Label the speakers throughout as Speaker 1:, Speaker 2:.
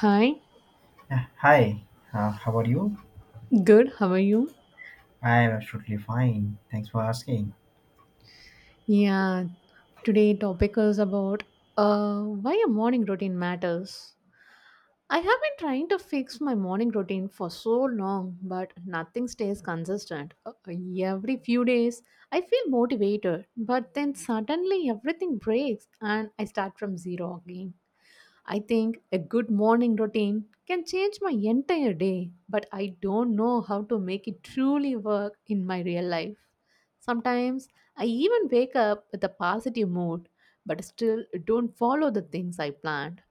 Speaker 1: Hi,
Speaker 2: Yeah, hi. How are you?
Speaker 1: good. How are you?
Speaker 2: I am absolutely fine. Thanks for asking.
Speaker 1: Yeah, today topic is about why a morning routine matters. I have been trying to fix my morning routine for so long, but nothing stays consistent. Every few days, I feel motivated, but then suddenly everything breaks and I start from zero again. I think a good morning routine can change my entire day, but I don't know how to make it truly work in my real life. Sometimes I even wake up with a positive mood, but still don't follow the things I planned.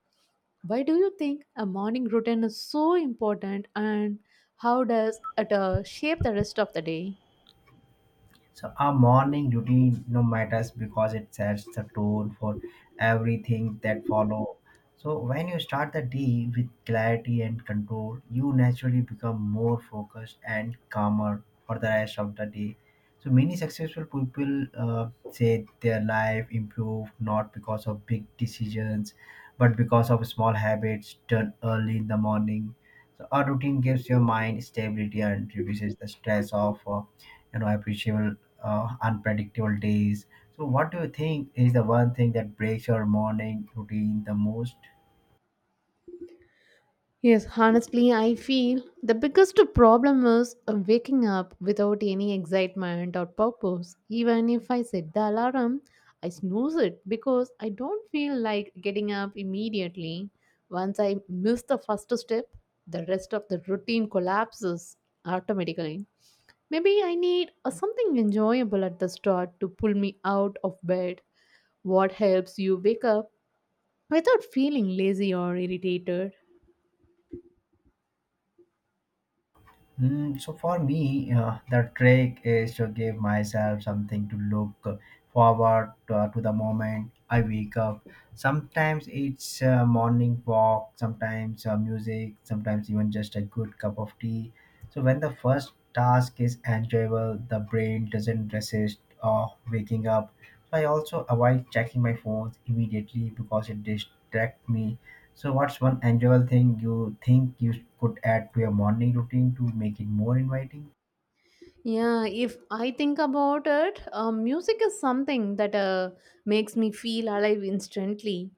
Speaker 1: Why do you think a morning routine is so important and how does it shape the rest of the day?
Speaker 2: So our morning routine no matters because it sets the tone for everything that follow. So when you start the day with clarity and control, you naturally become more focused and calmer for the rest of the day. So many successful people say their life improved not because of big decisions, but because of small habits done early in the morning. So a routine gives your mind stability and reduces the stress of appreciable, unpredictable days. So what do you think is the one thing that breaks your morning routine the most?
Speaker 1: Yes, honestly, I feel the biggest problem is waking up without any excitement or purpose. Even if I set the alarm, I snooze it because I don't feel like getting up immediately. Once I miss the first step, the rest of the routine collapses automatically. Maybe I need something enjoyable at the start to pull me out of bed. What helps you wake up without feeling lazy or irritated?
Speaker 2: Mm, so for me, the trick is to give myself something to look forward to the moment I wake up. Sometimes it's a morning walk, sometimes music, sometimes even just a good cup of tea. So when the first task is enjoyable, the brain doesn't resist waking up. So I also avoid checking my phones immediately because it distracts me. So what's one enjoyable thing you think you could add to your morning routine to make it more inviting?
Speaker 1: Yeah, if I think about it, music is something that makes me feel alive instantly.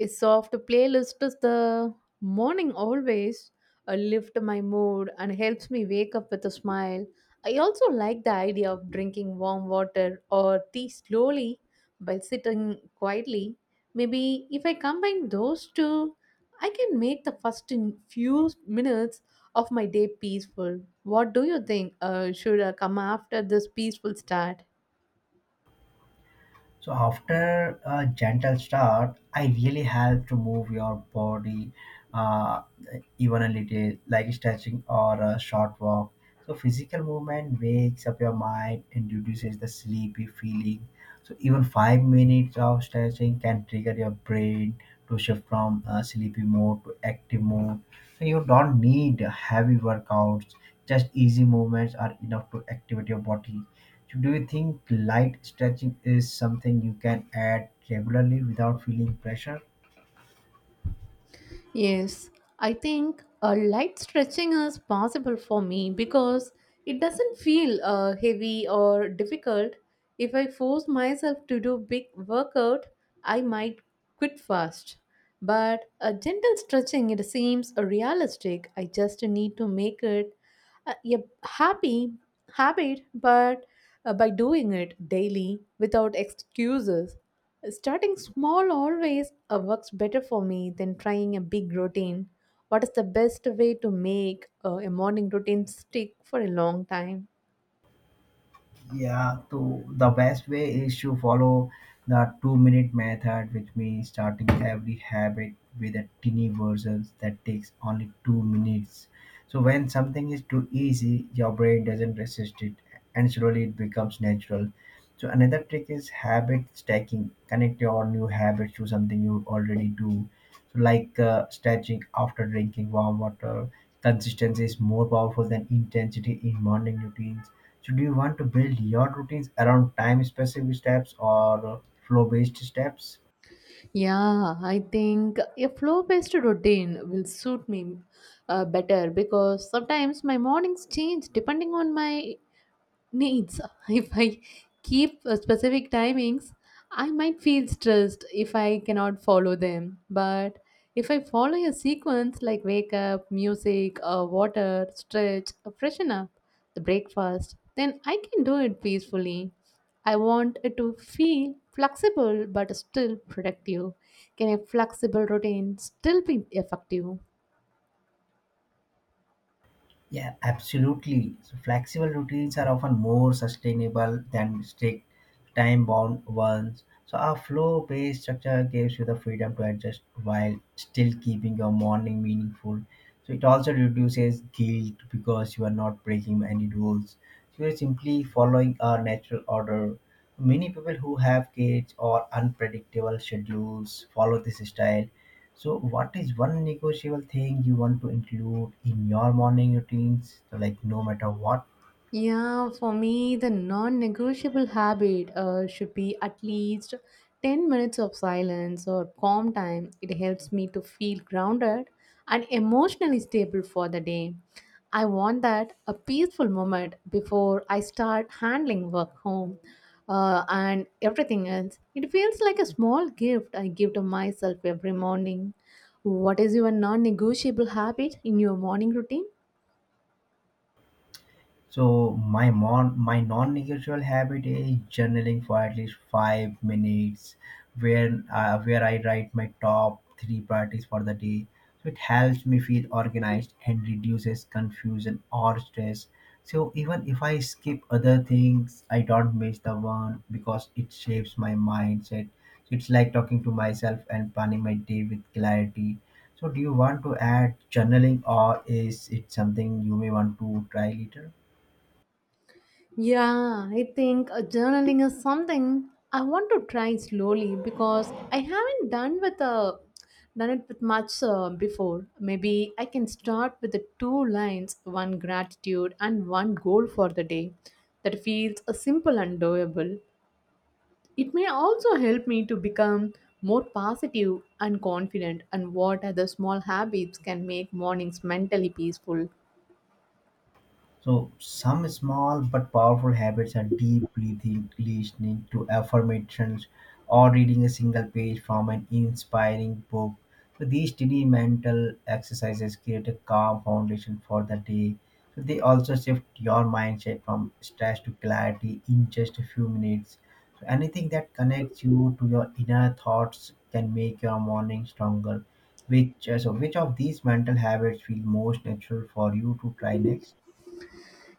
Speaker 1: A soft playlist is the morning always lift my mood and helps me wake up with a smile. I also like the idea of drinking warm water or tea slowly while sitting quietly. Maybe if I combine those two, I can make the first in few minutes of my day peaceful. What do you think should come after this peaceful start?
Speaker 2: So, after a gentle start, I really help to move your body, uh, even a little, like stretching or a short walk. So, physical movement wakes up your mind and reduces the sleepy feeling. So, even 5 minutes of stretching can trigger your brain to shift from sleepy mode to active mode. So, you don't need heavy workouts, just easy movements are enough to activate your body. So do you think light stretching is something you can add regularly without feeling pressure?
Speaker 1: Yes, I think a light stretching is possible for me because it doesn't feel heavy or difficult. If I force myself to do big workout, I might quit fast. But a gentle stretching it seems realistic. I just need to make it a happy habit but by doing it daily without excuses. Starting small always works better for me than trying a big routine. What is the best way to make a morning routine stick for a long time?
Speaker 2: Yeah, to the best way is to follow the 2 minute method, which means starting every habit with a tiny version that takes only 2 minutes. So when something is too easy, your brain doesn't resist it and slowly it becomes natural. So another trick is habit stacking. Connect your new habits to something you already do. So like stretching after drinking warm water. Consistency is more powerful than intensity in morning routines. So do you want to build your routines around time-specific steps or flow-based steps?
Speaker 1: Yeah, I think a flow based routine will suit me better because sometimes my mornings change depending on my needs. If I keep specific timings, I might feel stressed if I cannot follow them. But if I follow a sequence like wake up, music, water, stretch, freshen up, the breakfast, then I can do it peacefully. I want it to feel flexible but still productive. Can a flexible routine still be effective?
Speaker 2: Yeah, absolutely. So flexible routines are often more sustainable than strict time bound ones. So our flow based structure gives you the freedom to adjust while still keeping your morning meaningful. So it also reduces guilt because you are not breaking any rules. So you're simply following a natural order. Many people who have kids or unpredictable schedules follow this style. So, what is one negotiable thing you want to include in your morning routines? So, like, no matter what.
Speaker 1: Yeah, for me, the non negotiable habit should be at least 10 minutes of silence or calm time. It helps me to feel grounded and emotionally stable for the day. I want that a peaceful moment before I start handling work home and everything else. It feels like a small gift I give to myself every morning. What is your non negotiable habit in your morning routine?
Speaker 2: So my non-negotiable habit is journaling for at least 5 minutes, where I write my top three priorities for the day. So it helps me feel organized and reduces confusion or stress. So even if I skip other things, I don't miss the one because it shapes my mindset. So it's like talking to myself and planning my day with clarity. So do you want to add journaling or is it something you may want to try later?
Speaker 1: Yeah, I think journaling is something I want to try slowly because I haven't done with done it with much before. Maybe I can start with the two lines, one gratitude and one goal for the day. That feels simple and doable. It may also help me to become more positive and confident. And what other small habits can make mornings mentally peaceful?
Speaker 2: So some small but powerful habits are deeply think, listening to affirmations or reading a single page from an inspiring book. So these tiny mental exercises create a calm foundation for the day. So they also shift your mindset from stress to clarity in just a few minutes. So anything that connects you to your inner thoughts can make your morning stronger. Which so which of these mental habits feel most natural for you to try next?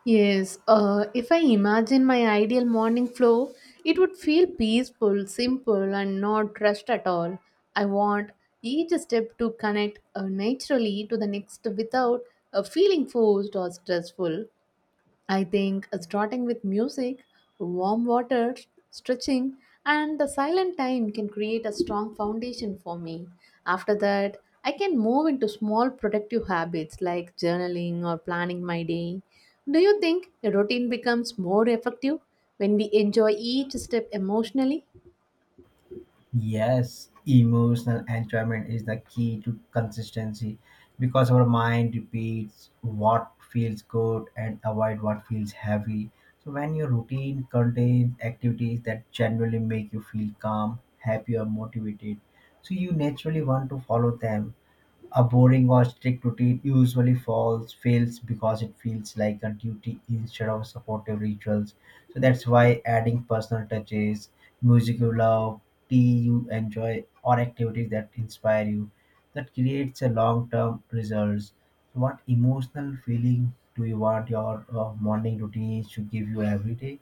Speaker 1: Yes, if I imagine my ideal morning flow, it would feel peaceful, simple, and not rushed at all. I want each step to connect naturally to the next without feeling forced or stressful. I think starting with music, warm water, stretching, and the silent time can create a strong foundation for me. After that, I can move into small productive habits like journaling or planning my day. Do you think a routine becomes more effective when we enjoy each step emotionally?
Speaker 2: Yes, emotional enjoyment is the key to consistency because our mind repeats what feels good and avoid what feels heavy. So when your routine contains activities that generally make you feel calm, happy or motivated, so you naturally want to follow them. A boring or strict routine usually falls fails because it feels like a duty instead of supportive rituals. So that's why adding personal touches, music you love, tea you enjoy, or activities that inspire you, that creates a long-term results. So what emotional feeling do you want your morning routine to give you every day?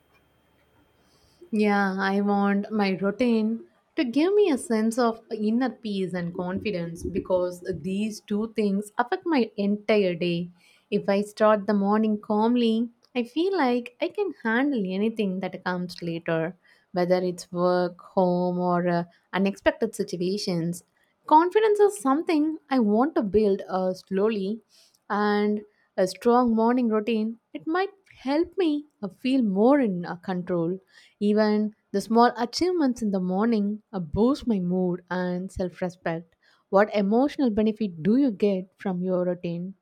Speaker 1: Yeah, I want my routine to give me a sense of inner peace and confidence because these two things affect my entire day. If I start the morning calmly, I feel like I can handle anything that comes later, whether it's work, home, or unexpected situations. Confidence is something I want to build slowly, and a strong morning routine. It might help me feel more in control. Even the small achievements in the morning boost my mood and self respect. What emotional benefit do you get from your routine?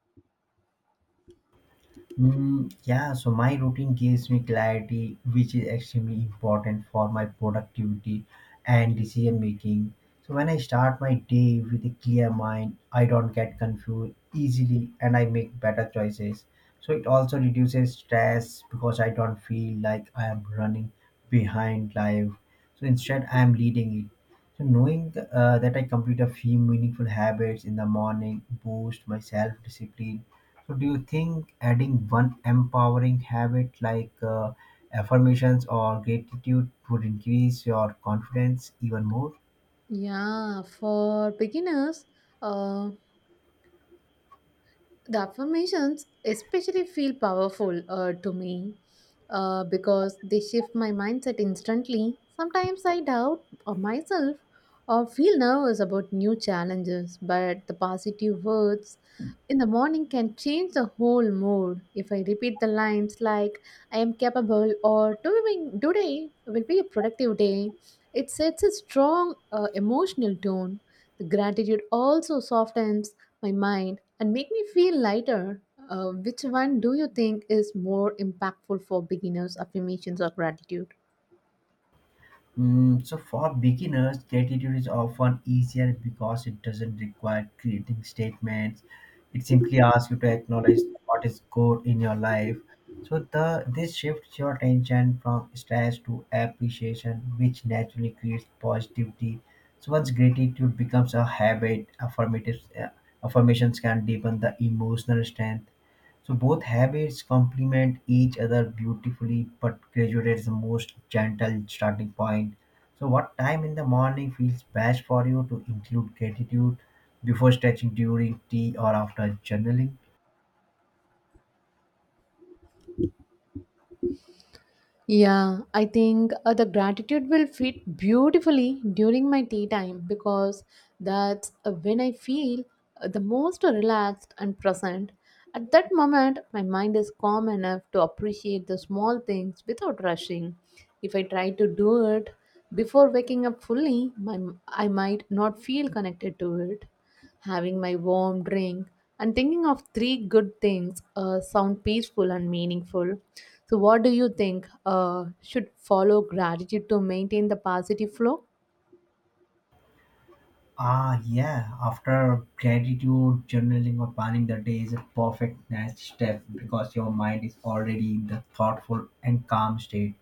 Speaker 2: Mm, yeah, so my routine gives me clarity, which is extremely important for my productivity and decision making. So when I start my day with a clear mind, I don't get confused easily and I make better choices. So it also reduces stress because I don't feel like I am running behind life. So instead, I am leading it. So knowing that I complete a few meaningful habits in the morning boosts my self discipline. So do you think adding one empowering habit like affirmations or gratitude would increase your confidence even more?
Speaker 1: Yeah, for beginners, uh, the affirmations especially feel powerful to me because they shift my mindset instantly. Sometimes I doubt of myself or feel nervous about new challenges, but the positive words in the morning can change the whole mood. If I repeat the lines like "I am capable" or "Doing today will be a productive day," it sets a strong emotional tone. The gratitude also softens my mind and make me feel lighter. Which one do you think is more impactful for beginners, affirmations or gratitude?
Speaker 2: Mm, so for beginners, gratitude is often easier because it doesn't require creating statements. It simply asks you to acknowledge what is good in your life. So the this shifts your attention from stress to appreciation, which naturally creates positivity. So once gratitude becomes a habit, affirmative affirmations can deepen the emotional strength. So both habits complement each other beautifully, but graduate is the most gentle starting point. So what time in the morning feels best for you to include gratitude, before stretching, during tea, or after journaling?
Speaker 1: Yeah, I think the gratitude will fit beautifully during my tea time because that's when I feel the most relaxed and present. At that moment, my mind is calm enough to appreciate the small things without rushing. If I try to do it before waking up fully, I might not feel connected to it. Having my warm drink and thinking of three good things sound peaceful and meaningful. So, what do you think should follow gratitude to maintain the positive flow?
Speaker 2: Ah, yeah. After gratitude, journaling, or planning the day is a perfect next step because your mind is already in the thoughtful and calm state.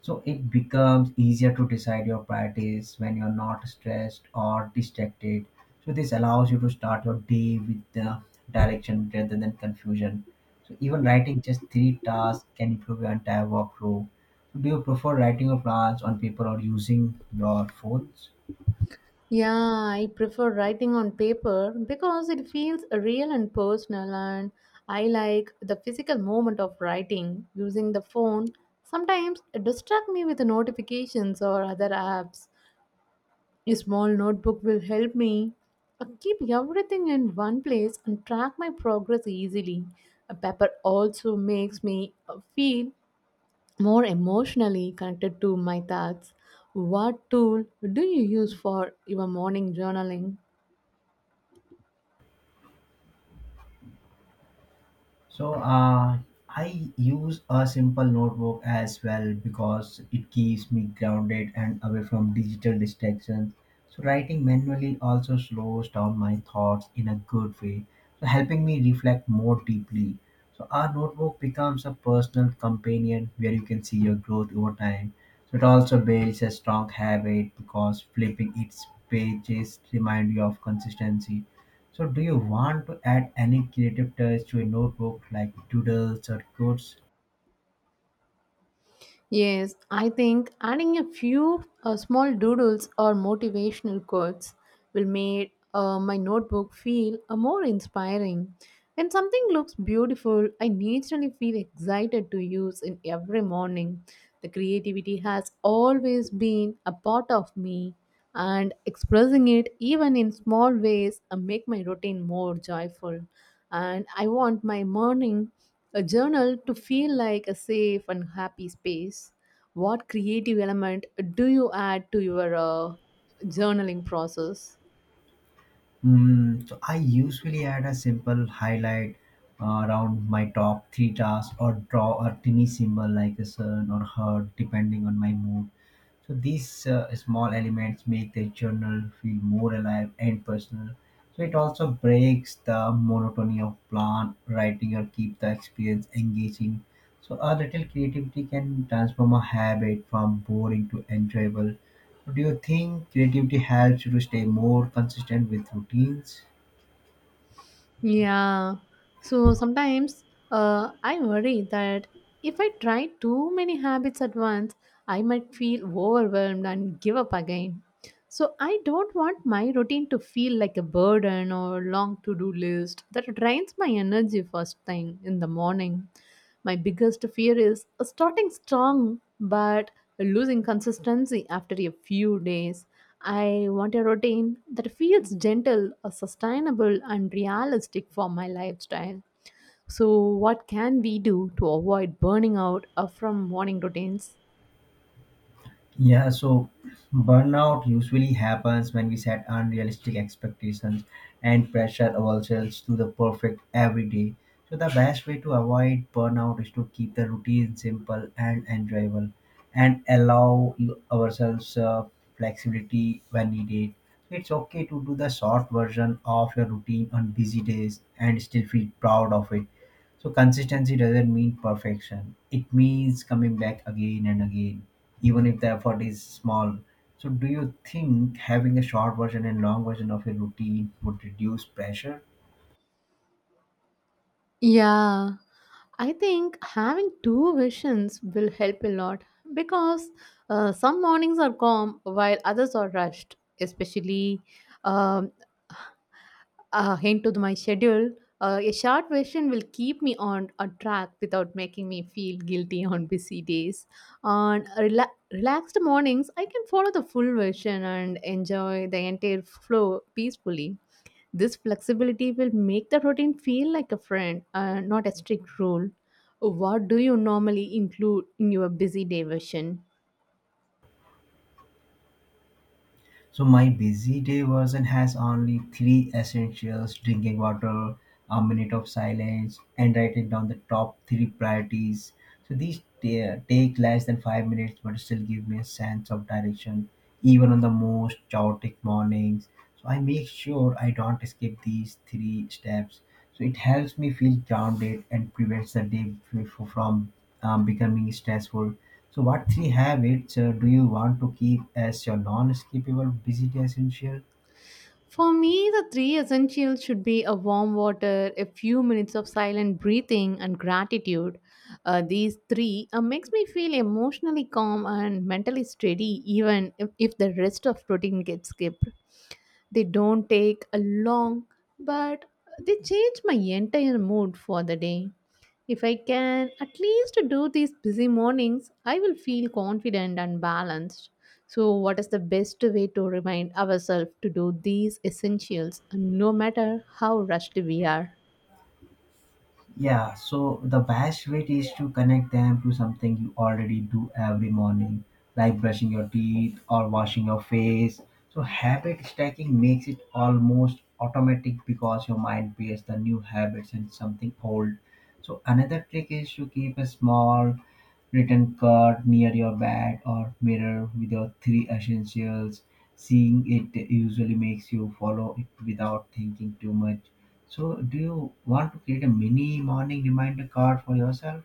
Speaker 2: So it becomes easier to decide your priorities when you're not stressed or distracted. So this allows you to start your day with the direction rather than confusion. So even writing just three tasks can improve your entire workflow. So do you prefer writing your plans on paper or using your phones?
Speaker 1: Yeah, I prefer writing on paper because it feels real and personal, and I like the physical moment of writing. Using the phone sometimes it distract me with the notifications or other apps. A small notebook will help me keep everything in one place and track my progress easily. A paper also makes me feel more emotionally connected to my thoughts. What tool do you use for your morning journaling?
Speaker 2: So I use a simple notebook as well because it keeps me grounded and away from digital distractions. So writing manually also slows down my thoughts in a good way, so helping me reflect more deeply. So our notebook becomes a personal companion where you can see your growth over time. So it also builds a strong habit because flipping its pages remind you of consistency. So do you want to add any creative touch to a notebook like doodles or quotes?
Speaker 1: Yes, I think adding a few small doodles or motivational quotes will make my notebook feel more inspiring. When something looks beautiful, I naturally feel excited to use in every morning. The creativity has always been a part of me and expressing it even in small ways make my routine more joyful. And I want my morning a journal to feel like a safe and happy space. What creative element do you add to your journaling process?
Speaker 2: Mm, so I usually add a simple highlight around my top three tasks or draw a tiny symbol like a sun or heart depending on my mood. So these small elements make the journal feel more alive and personal. So it also breaks the monotony of plan writing or keep the experience engaging. So a little creativity can transform a habit from boring to enjoyable. Do you think creativity helps you to stay more consistent with routines?
Speaker 1: Yeah. So sometimes I worry that if I try too many habits at once, I might feel overwhelmed and give up again. So I don't want my routine to feel like a burden or long to do list that drains my energy first thing in the morning. My biggest fear is starting strong but losing consistency after a few days. I want a routine that feels gentle, sustainable, and realistic for my lifestyle. So, what can we do to avoid burning out from morning routines?
Speaker 2: Yeah, so burnout usually happens when we set unrealistic expectations and pressure ourselves to the perfect every day. So, the best way to avoid burnout is to keep the routine simple and enjoyable and allow ourselves flexibility when needed. It's okay to do the short version of your routine on busy days and still feel proud of it. So, consistency doesn't mean perfection, it means coming back again and again even if the effort is small. So, do you think having a short version and long version of a routine would reduce pressure?
Speaker 1: Yeah, I think having two visions will help a lot because some mornings are calm while others are rushed, especially um, into my schedule. A short vision will keep me on a track without making me feel guilty on busy days. On relaxed mornings, I can follow the full vision and enjoy the entire flow peacefully. This flexibility will make the routine feel like a friend, not a strict rule. What do you normally include in your busy day version?
Speaker 2: So my busy day version has only three essentials: drinking water, a minute of silence, and writing down the top three priorities. So these take less than 5 minutes, but still give me a sense of direction, even on the most chaotic mornings. So I make sure I don't skip these three steps. So it helps me feel grounded and prevents the day from becoming stressful. So, what three habits do you want to keep as your non-skippable busy essential?
Speaker 1: For me, the three essentials should be a warm water, a few minutes of silent breathing, and gratitude. These three makes me feel emotionally calm and mentally steady, even if the rest of routine gets skipped. They don't take a long, but they change my entire mood for the day. If I can at least do these busy mornings, I will feel confident and balanced. So, what is the best way to remind ourselves to do these essentials no matter how rushed we are?
Speaker 2: Yeah, so the best way is to connect them to something you already do every morning, like brushing your teeth or washing your face. So, habit stacking makes it almost automatic because your mind pairs the new habits and something old. So, another trick is to keep a small written card near your bed or mirror with your three essentials. Seeing it usually makes you follow it without thinking too much. So, do you want to create a mini morning reminder card for yourself?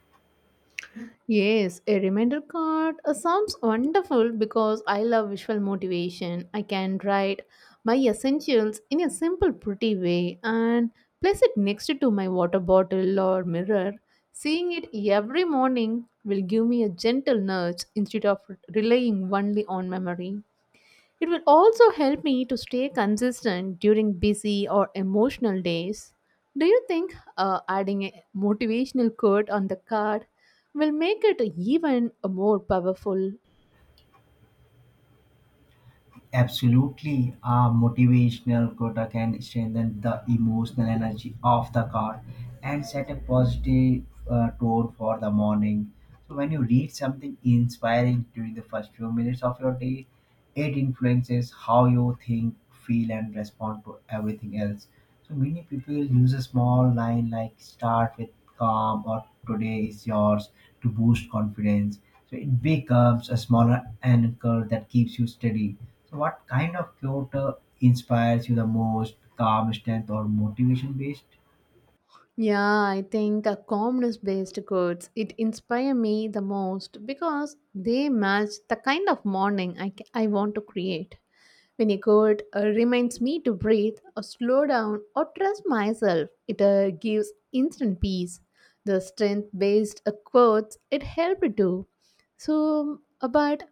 Speaker 1: Yes, a reminder card sounds wonderful because I love visual motivation. I can write my essentials in a simple, pretty way and place it next to my water bottle or mirror. Seeing it every morning will give me a gentle nudge instead of relying only on memory. It will also help me to stay consistent during busy or emotional days. Do you think adding a motivational quote on the card will make it even more powerful?
Speaker 2: Absolutely, a motivational quota can strengthen the emotional energy of the card and set a positive tone for the morning. So, when you read something inspiring during the first few minutes of your day, it influences how you think, feel, and respond to everything else. So many people use a small line like "start with calm" or "today is yours" to boost confidence. So it becomes a smaller anchor that keeps you steady. So what kind of Kyoto inspires you the most, calm strength or motivation based?
Speaker 1: Yeah, I think a calmness based quotes it inspire me the most because they match the kind of morning I, I want to create. When a quote reminds me to breathe or slow down or trust myself, it gives instant peace. The strength-based quotes it helped too. So, but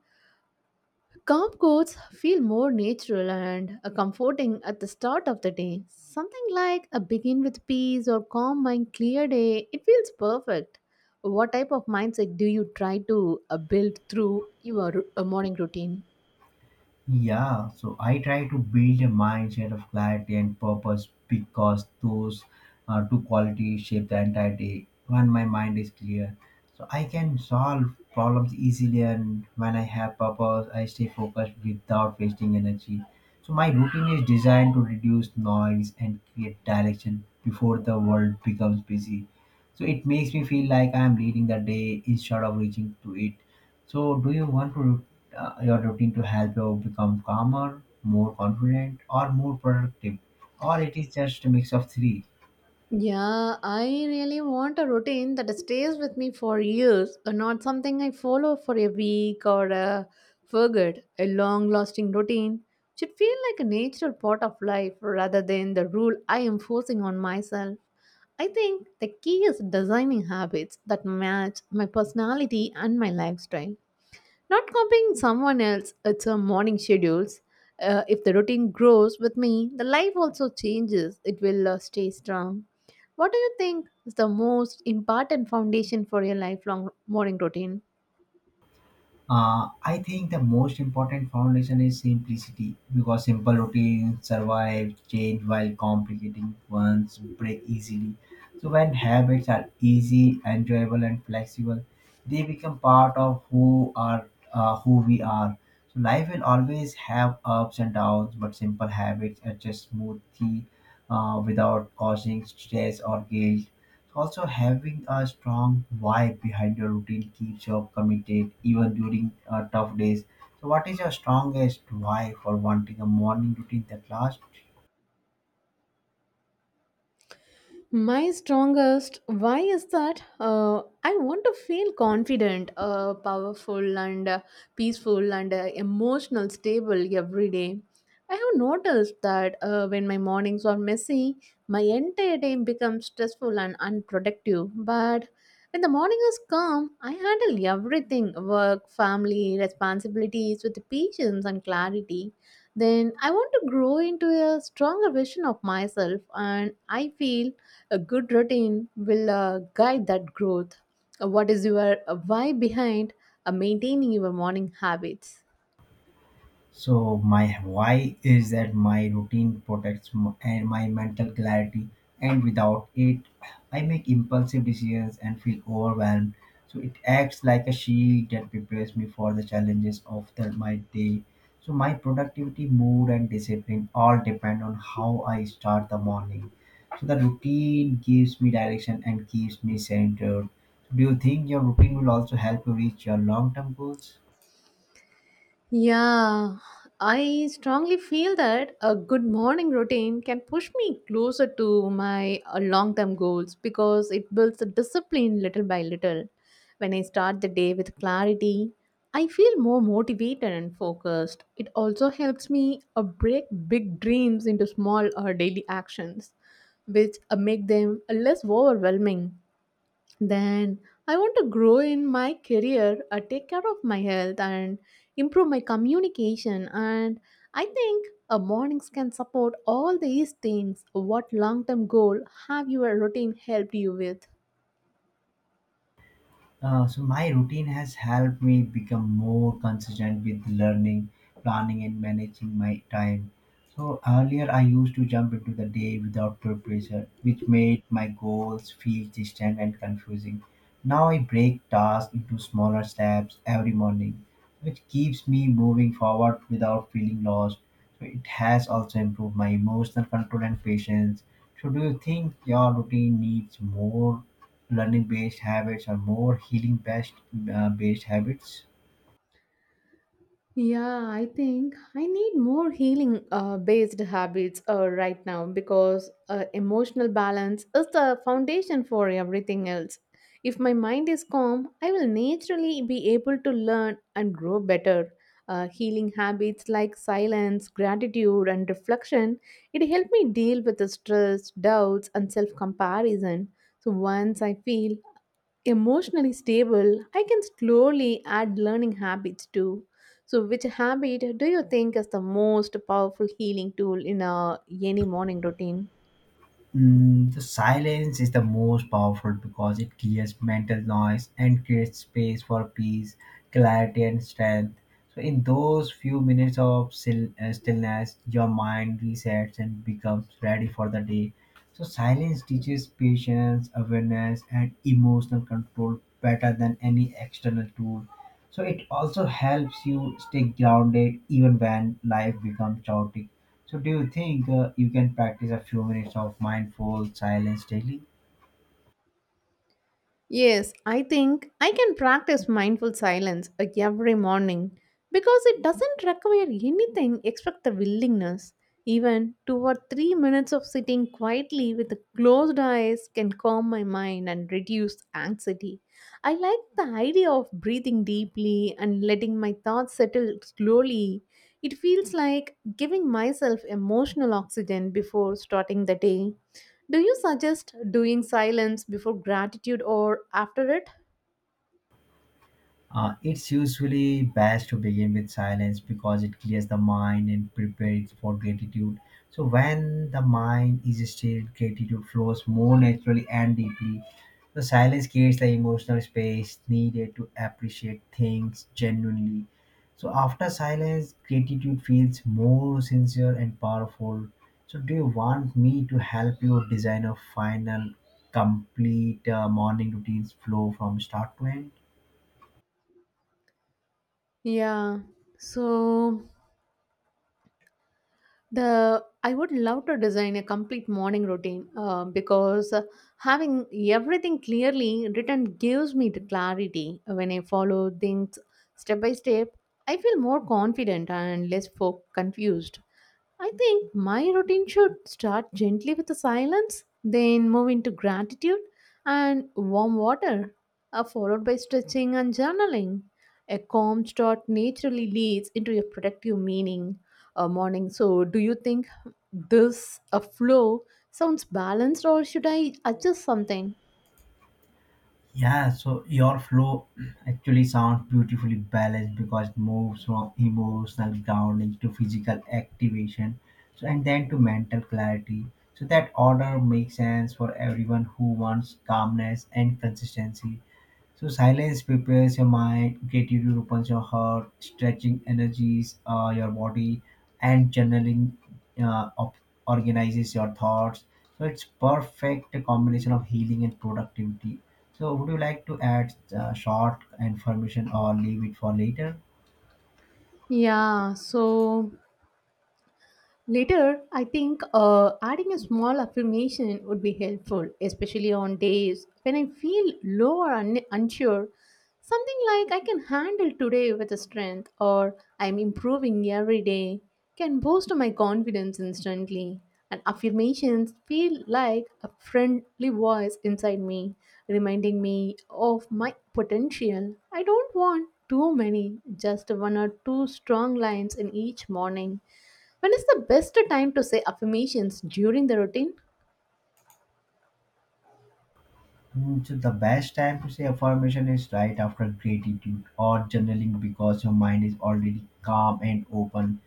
Speaker 1: calm quotes feel more natural and comforting at the start of the day. Something like a begin with peace or calm mind, clear day. It feels perfect. What type of mindset do you try to build through your morning routine?
Speaker 2: Yeah, so I try to build a mindset of clarity and purpose because those two qualities shape the entire day. When my mind is clear, so I can solve problems easily, and when I have purpose, I stay focused without wasting energy. So my routine is designed to reduce noise and create direction before the world becomes busy, so it makes me feel like I'm leading the day instead of reaching to it. So do you want to your routine to help you become calmer, more confident, or more productive, or it is just a mix of three?
Speaker 1: Yeah, I really want a routine that stays with me for years, not something I follow for a week or forget. A long lasting routine should feel like a natural part of life rather than the rule I am forcing on myself. I think the key is designing habits that match my personality and my lifestyle. Not copying someone else, it's a morning schedules. If the routine grows with me, the life also changes. It will stay strong. What do you think is the most important foundation for your lifelong morning routine?
Speaker 2: I think the most important foundation is simplicity because simple routines survive change while complicated ones break easily. So, when habits are easy, enjoyable, and flexible, they become part of who are, who we are. So, life will always have ups and downs, but simple habits adjust smoothly without causing stress or guilt. Also, having a strong why behind your routine keeps you committed even during tough days. So, what is your strongest why for wanting a morning routine that lasts?
Speaker 1: My strongest why is that I want to feel confident, powerful, and peaceful and emotional stable every day. I have noticed that when my mornings are messy, my entire day becomes stressful and unproductive. But when the morning is calm, I handle everything work, family, responsibilities with patience and clarity. Then I want to grow into a stronger version of myself, and I feel a good routine will guide that growth. What is your why behind maintaining your morning habits?
Speaker 2: So my why is that my routine protects and my mental clarity, and without it, I make impulsive decisions and feel overwhelmed. So it acts like a shield that prepares me for the challenges of the, my day. So my productivity, mood, and discipline all depend on how I start the morning. So the routine gives me direction and keeps me centered. Do you think your routine will also help you reach your long-term goals?
Speaker 1: Yeah, I strongly feel that a good morning routine can push me closer to my long term goals because it builds a discipline little by little. When I start the day with clarity, I feel more motivated and focused. It also helps me break big dreams into small or daily actions, which make them less overwhelming. Then I want to grow in my career, take care of my health, and improve my communication. And I think a mornings can support all these things. What long term goal have your routine helped you with?
Speaker 2: So my routine has helped me become more consistent with learning, planning, and managing my time. So earlier I used to jump into the day without preparation, which made my goals feel distant and confusing. Now I break tasks into smaller steps every morning, which keeps me moving forward without feeling lost. So it has also improved my emotional control and patience. So do you think your routine needs more learning based habits or more healing based, based habits?
Speaker 1: Yeah, I think I need more healing based habits right now because emotional balance is the foundation for everything else. If my mind is calm, I will naturally be able to learn and grow better. Healing habits like silence, gratitude, and reflection it helped me deal with the stress, doubts, and self comparison. So once I feel emotionally stable, I can slowly add learning habits too. So, which habit do you think is the most powerful healing tool in any morning routine?
Speaker 2: Mm, the silence is the most powerful because it clears mental noise and creates space for peace, clarity, and strength. So, in those few minutes of stillness, your mind resets and becomes ready for the day. So, silence teaches patience, awareness, and emotional control better than any external tool. So, it also helps you stay grounded even when life becomes chaotic. So, do you think you can practice a few minutes of mindful silence daily?
Speaker 1: Yes, I think I can practice mindful silence every morning because it doesn't require anything except the willingness. Even 2 or 3 minutes of sitting quietly with the closed eyes can calm my mind and reduce anxiety. I like the idea of breathing deeply and letting my thoughts settle slowly. It feels like giving myself emotional oxygen before starting the day. Do you suggest doing silence before gratitude or after it?
Speaker 2: It's usually best to begin with silence because it clears the mind and prepares it for gratitude. So, when the mind is still, gratitude flows more naturally and deeply. The silence creates the emotional space needed to appreciate things genuinely. So, after silence, gratitude feels more sincere and powerful. So, do you want me to help you design a final, complete morning routine's flow from start to end?
Speaker 1: Yeah. So The I would love to design a complete morning routine because having everything clearly written gives me the clarity. When I follow things step by step, I feel more confident and less confused. I think my routine should start gently with the silence, then move into gratitude and warm water, followed by stretching and journaling. A calm start naturally leads into a productive meaning morning. So, do you think this a flow sounds balanced, or should I adjust something?
Speaker 2: Yeah, so your flow actually sounds beautifully balanced because it moves from emotional grounding to physical activation, so and then to mental clarity. So that order makes sense for everyone who wants calmness and consistency. So silence prepares your mind, creativity opens your heart, stretching energies your body, and journaling uh, op- organizes your thoughts. So it's perfect combination of healing and productivity. So would you like to add short information or leave it for later?
Speaker 1: Yeah. So Later, I think adding a small affirmation would be helpful, especially on days when I feel low or unsure. Something like I can handle today with a strength or I'm improving every day can boost my confidence instantly. And affirmations feel like a friendly voice inside me, reminding me of my potential. I don't want too many, just one or two strong lines in each morning. When is the best time to say affirmations during the routine?
Speaker 2: Mm, so the best time to say affirmation is right after gratitude or journaling because your mind is already calm and open.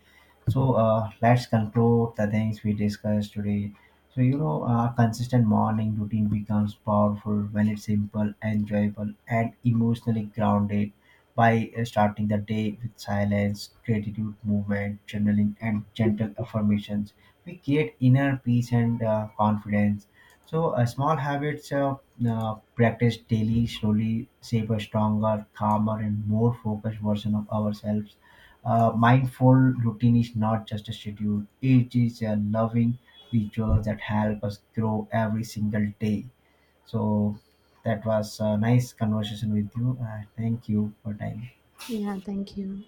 Speaker 2: So let's conclude the things we discussed today. So you know, a consistent morning routine becomes powerful when it's simple, enjoyable, and emotionally grounded. By starting the day with silence, gratitude, movement, journaling, and gentle affirmations, we create inner peace and confidence, so, small habits practiced daily slowly shape a stronger, calmer, and more focused version of ourselves. Mindful routine is not just a schedule, it is a loving ritual that help us grow every single day. So, that was a nice conversation with you. Thank you for time.
Speaker 1: Yeah, thank you.